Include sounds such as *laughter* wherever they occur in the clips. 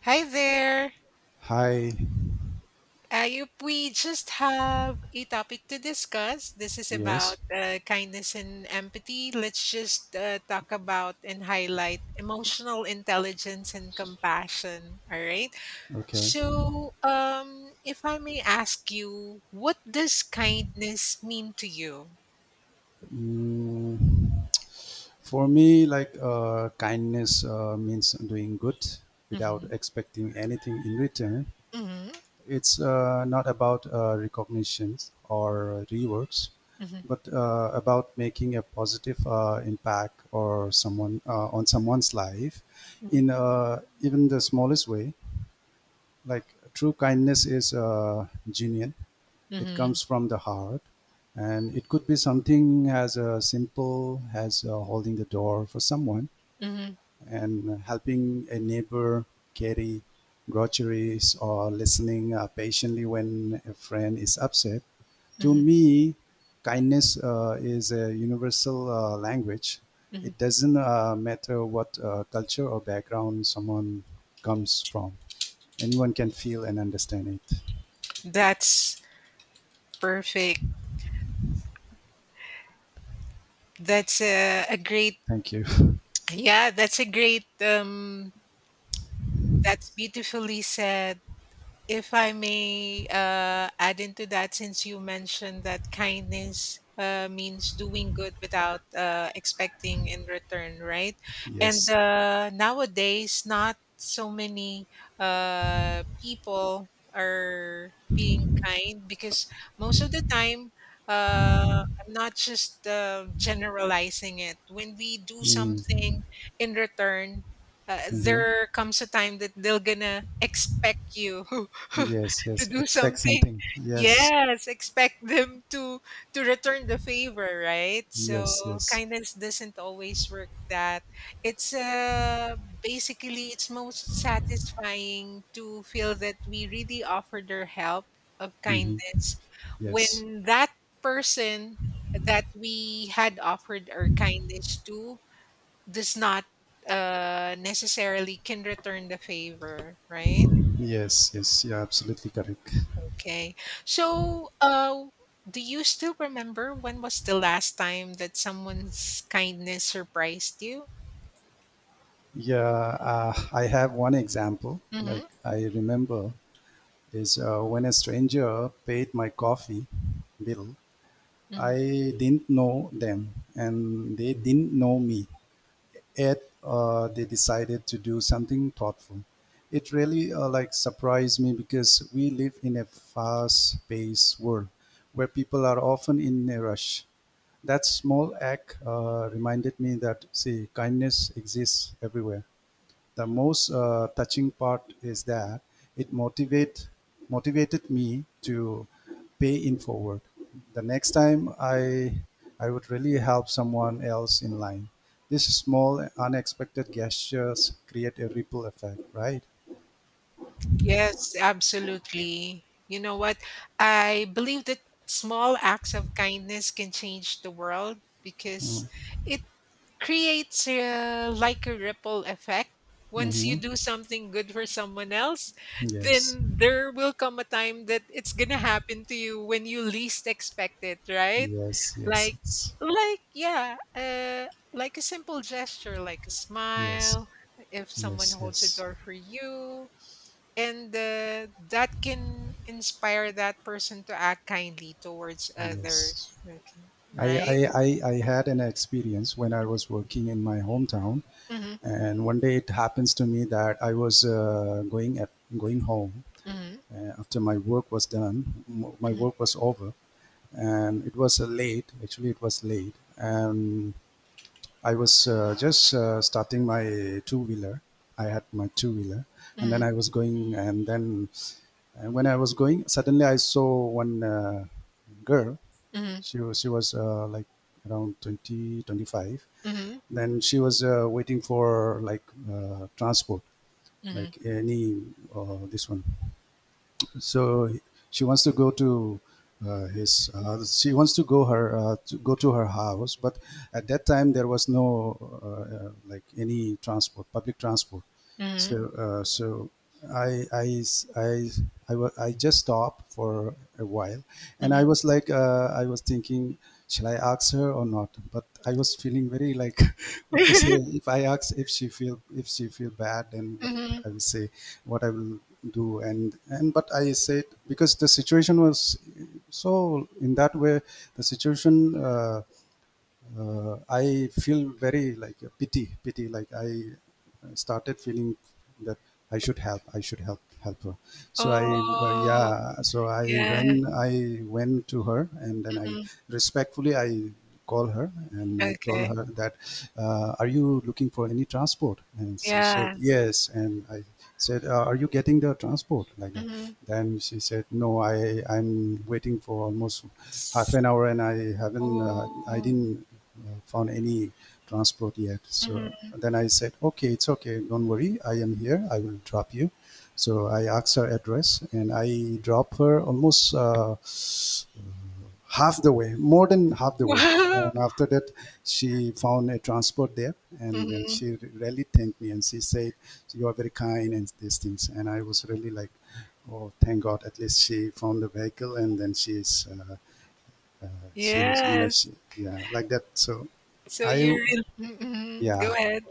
Hi there. Hi. We just have a topic to discuss. This is about Yes. Kindness and empathy. Let's just talk about and highlight emotional intelligence and compassion. All right. Okay. If I may ask you, what does kindness mean to you? Mm, for me, like kindness means doing good without Mm-hmm. expecting anything in return. Mm-hmm. It's not about recognitions or rewards, Mm-hmm. but about making a positive impact or someone on someone's life Mm-hmm. in even the smallest way. Like, true kindness is genuine. It Mm-hmm. comes from the heart. And it could be something as simple as holding the door for someone Mm-hmm. and helping a neighbor carry groceries or listening patiently when a friend is upset. To Mm-hmm. me, kindness is a universal language. Mm-hmm. It doesn't matter what culture or background someone comes from. Anyone can feel and understand it. That's perfect. That's a great. Thank you. *laughs* Yeah, that's a great that's beautifully said. If I may add into that, since you mentioned that kindness means doing good without expecting in return, right? And Yes. Nowadays, not so many people are being kind because most of the time, I'm not just generalizing it. When we do something in return, Hmm. there comes a time that they're gonna expect you *laughs* *laughs* Yes, to yes. do Expect something. something. Yes, Yes, expect them to return the favor, right? yes, So yes. kindness doesn't always work that. It's basically it's most satisfying to feel that we really offered our help of Hmm. kindness Yes, when that person that we had offered our kindness to does not necessarily can return the favor, right? yes, yes. You're absolutely correct. Okay. So, do you still remember when was the last time that someone's kindness surprised you? Yeah, I have one example. Like, Hmm. I remember is when a stranger paid my coffee bill. Mm. I didn't know them, and they didn't know me, yet they decided to do something thoughtful. It really like surprised me because we live in a fast-paced world where people are often in a rush. That small act reminded me that, see, kindness exists everywhere. The most touching part is that it motivated me to pay in forward. The next time I would really help someone else in line. These small unexpected gestures create a ripple effect, right? Yes, absolutely. You know what? I believe that small acts of kindness can change the world because it creates a like a ripple effect. Once Mm-hmm. you do something good for someone else, Yes, then there will come a time that it's gonna happen to you when you least expect it, right? yes, yes, Like, it's, like, like a simple gesture, like a yes, smile, if someone yes, holds a yes, door for you, and that can inspire that person to act kindly towards others. yes. Okay, I, right? I, I had an experience when I was working in my hometown. Mm-hmm, And one day it happens to me that I was going home mm-hmm, after my work was done. My work was over, and it was late. Actually, it was late, and I was just starting my two wheeler. I had my two wheeler, and then mm-hmm, I was going. And when I was going, suddenly I saw one girl. She was like around 20-25. mhm, Then she was waiting for like transport, mhm, like any or this one. So she wants to go to his. She wants to go her to go to her house, but at that time there was no like any transport, public transport. mhm, So I I I I just stopped for a while, and I mhm. was like, I was thinking, shall I ask her or not? But I was feeling very like, *laughs* what to say? If I ask, if she feel bad, then what Mhm. I *laughs* will say, what I will do, and but I said, because the situation was so in that way, the situation. I feel very like a pity, pity. Like, I started feeling that I should help her. Well, Oh, yeah. So I yeah. when I went to her, and then I Mhm. respectfully I call her and I told Okay. her that, are you looking for any transport? And she said Yeah. yes. And I said, are you getting the transport like that? Mhm. Then she said, no, I'm waiting for almost half S an hour and I haven't, I Oh. didn't found any transport yet. So Mhm. then I said, okay, it's okay, don't worry, I am here, I will drop you. So I asked her address and I dropped her almost half the way, more than half *laughs* the way. Wow. And after that, she found a transport there, and then Mhm. she really thanked me and she said, "You are very kind and these things." And I was really like, "Oh, thank God! At least she found the vehicle, and then she is uh, she was, you know, she, Yes. yeah, like that." So I, you're in mhm, mhm. Go yeah, ahead.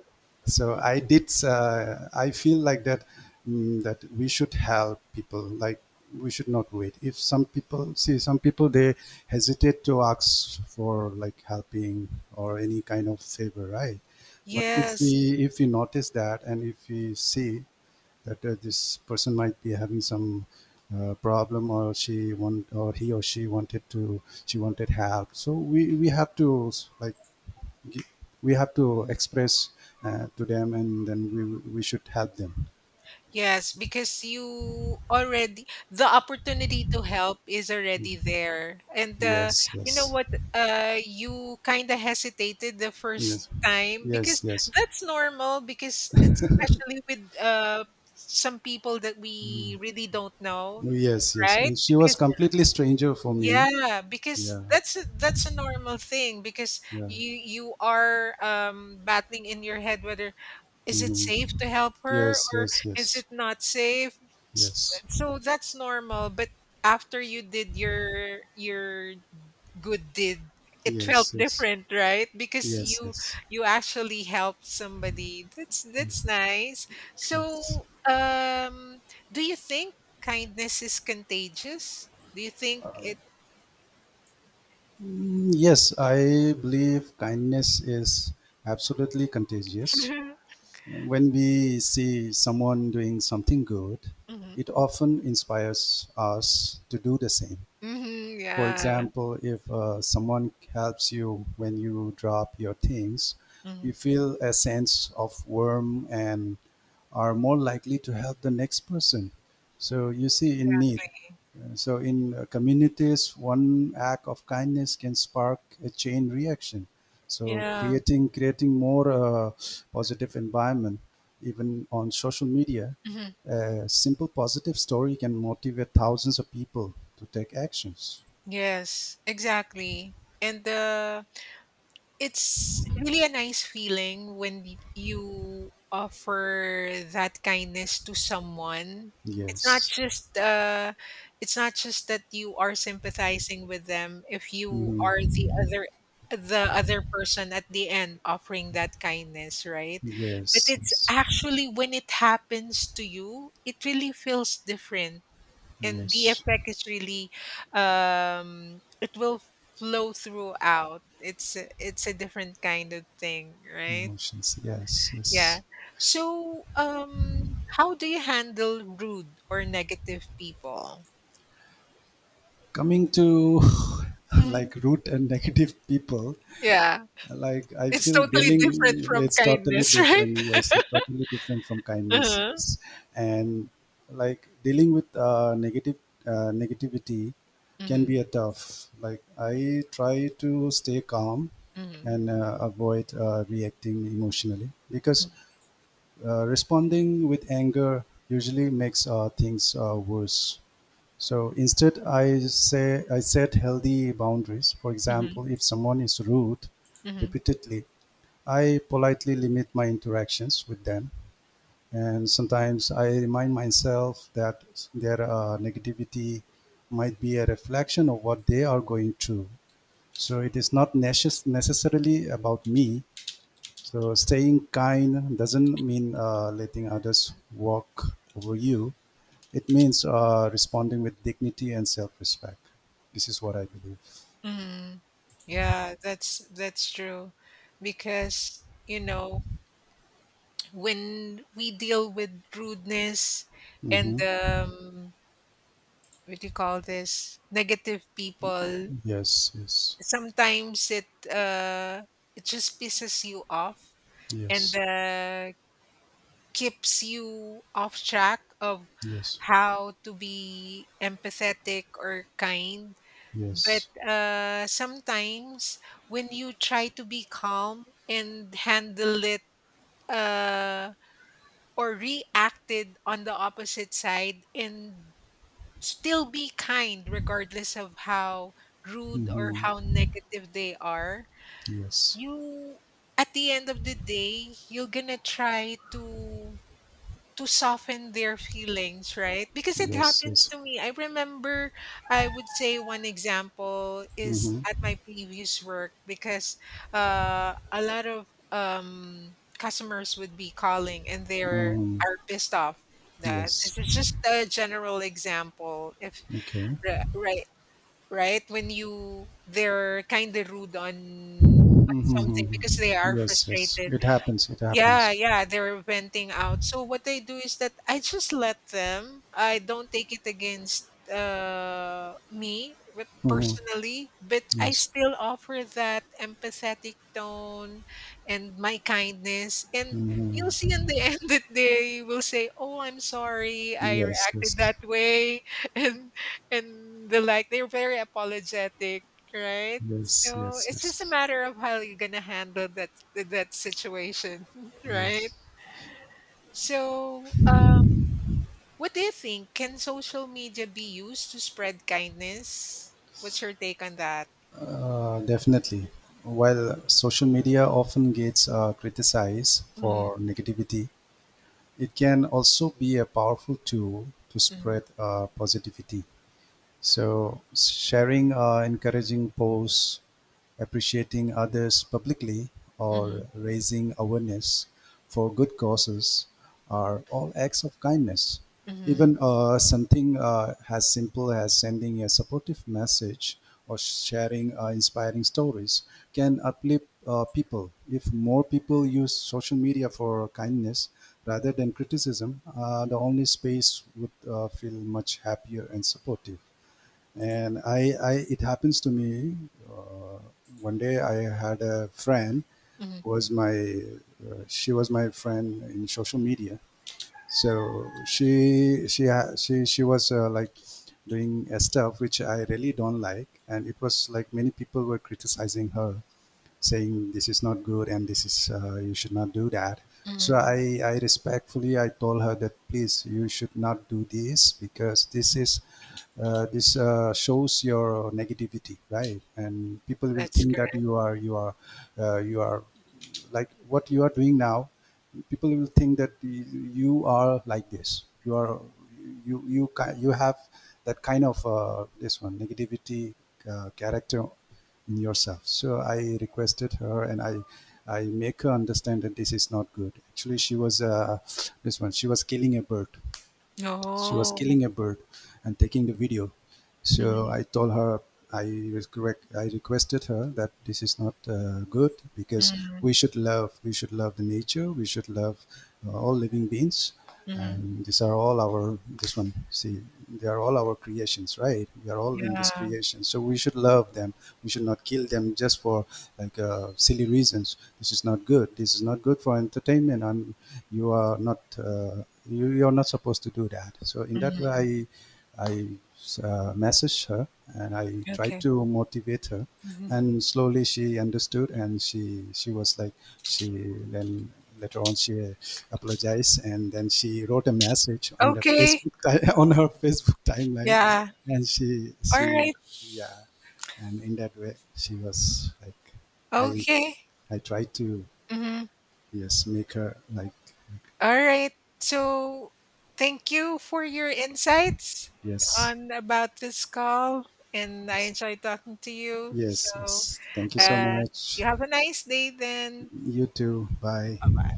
so I did, I feel like that, that we should help people, like we should not wait. If some people, see, some people, they hesitate to ask for like helping or any kind of favor, right? But if Yes. we, if we notice that and if we see that this person might be having some problem or she want or he or she wanted to, she wanted help, so we have to like, gi- we have to express to them, and then we should help them. Yes, because you already the opportunity to help is already there. And Yes, you know yes, what? You kind of hesitated the first yes, time yes, because yes, that's normal because especially with some people that we really don't know, yes, yes. right? And she was Because completely stranger for me. yeah, because Yeah, that's a normal thing because yeah. you are battling in your head whether is it Hmm. safe to help her Yes, or yes, yes, is it not safe? S yes, so that's normal, but after you did your good deed, it yes, felt yes, different, right? Because yes, you yes, you actually helped somebody. Yes, That's nice. So, yes. Do you think kindness is contagious? Do you think it? Yes, I believe kindness is absolutely contagious. *laughs* When we see someone doing something good, Mhm. it often inspires us to do the same. Mhm, For yeah. example, if someone helps you when you drop your things, you Mhm. feel a sense of warmth and are more likely to help the next person. So you see in need, so, in communities, one act of kindness can spark a chain reaction. So, Yeah. creating more positive environment, even on social media, Mhm. a simple positive story can motivate thousands of people to take actions. Yes, exactly. And it's really a nice feeling when you offer that kindness to someone. It's not Yes. just uh, it's not just that you are sympathizing with them. If you are Mhm. The other person at the end offering that kindness, right? But Yes. it's Yes. actually when it happens to you, it really feels different and the Yes. effect is really it will flow throughout it's a different kind of thing right Emotions. Yes. yeah Yes. so how do you handle rude or negative people? Coming to *laughs* Mhm. like root and *laughs* negative people, Yeah, like, I it's feel, totally dealing, different from it's totally kindness *laughs* right. different. Yes, it's totally different from kindness. Uh-huh. Yes. And like, dealing with negative negativity can Mm-hmm. be a tough, like, I try to stay calm Mm-hmm. and avoid reacting emotionally, because responding with anger usually makes things worse. So instead, I say, I set healthy boundaries. For Mm-hmm. example, if someone is rude Mm-hmm. repeatedly, I politely limit my interactions with them. And sometimes I remind myself that their negativity might be a reflection of what they are going through. So it is not necessarily about me. So staying kind doesn't mean letting others walk over you. It means responding with dignity and self-respect. This is what I believe. Mm-hmm. Yeah, that's true because you know when we deal with rudeness and Hmm. What do you call this negative people Yes, yes, sometimes it just pisses you off and yes, keeps you off track of yes, how to be empathetic or kind but yes, sometimes when you try to be calm and handle it uh, or reacted on the opposite side and still be kind regardless of how rude or how negative they are yes. you at the end of the day you're gonna try to soften their feelings, right? Because it Yes, happens yes. to me. I remember, I would say one example is Mm-hmm. at my previous work because a lot of customers would be calling and they're Mm. are pissed off. That Yes. this is just a general example. If Okay. Right, right, when you they're kind of rude on something Mm-hmm. because they are Yes, yes. frustrated It happens. It yeah, happens. yeah, they're venting out. So what I do is that I just let them. I don't take it against Mm-hmm. personally, but I Yes. still offer that empathetic tone and my kindness. And you'll see in the *laughs* end that they will say, "Oh, I'm sorry, I Yes, reacted yes. that way," *laughs* and and the like. They're very apologetic, right? Yes, So yes, it's just a yes. matter of how you're gonna handle that situation. Right? Yes. So, what do you think? Can social media be used to spread kindness? What's your take on that? Definitely. While social media often gets criticized Mm-hmm, for negativity, it can also be a powerful tool to mm-hmm, spread positivity. So sharing or encouraging posts, appreciating others publicly, or raising awareness for good causes are all acts of kindness. mm-hmm, Even something as simple as sending a supportive message or sharing inspiring stories can uplift people. If more people use social media for kindness rather than criticism, the only space would feel much happier and supportive. And I it happens to me. Uh, One day I had a friend hmm, who was my she was my friend in social media. So she ha- she was like doing stuff which I really don't like, and it was like many people were criticizing her, saying this is not good and this is you should not do that. hmm. So, I respectfully I told her that, please, you should not do this because this is this shows your negativity, right, and people will That's think that correct. you are like what you are doing now. People will think that you are like this, you are, you you have that kind of this one negativity character in yourself. So I requested her and I make her understand that this is not good. Actually she was this one, she was Oh, killing a bird and taking the video. So mm-hmm, I told her, I requested her that this is not good, because hmm, we should love the nature, we should love all living beings, and these are all our, this one, see, they are all our creations, right, we are all in this yeah. creation, so we should love them. We should not kill them just for like silly reasons. This is not good, this is not good, for entertainment, and you are not you, you are not supposed to do that. So, in that way, Hmm. I messaged her and I tried Okay. to motivate her, Hmm. and slowly she understood, and she was like, she, then later on she apologized, and then she wrote a message on the Okay. Facebook *laughs* on her Facebook timeline, Yeah. and she All she right. yeah, and in that way she was like, i Okay. I tried to, Hmm. yes, make her like. All right. So thank you for your insights Yes. on about this call, and I Yes, enjoyed talking to you. yes, So yes. thank you so uh, much. you have a nice day then. You too, bye. Bye bye.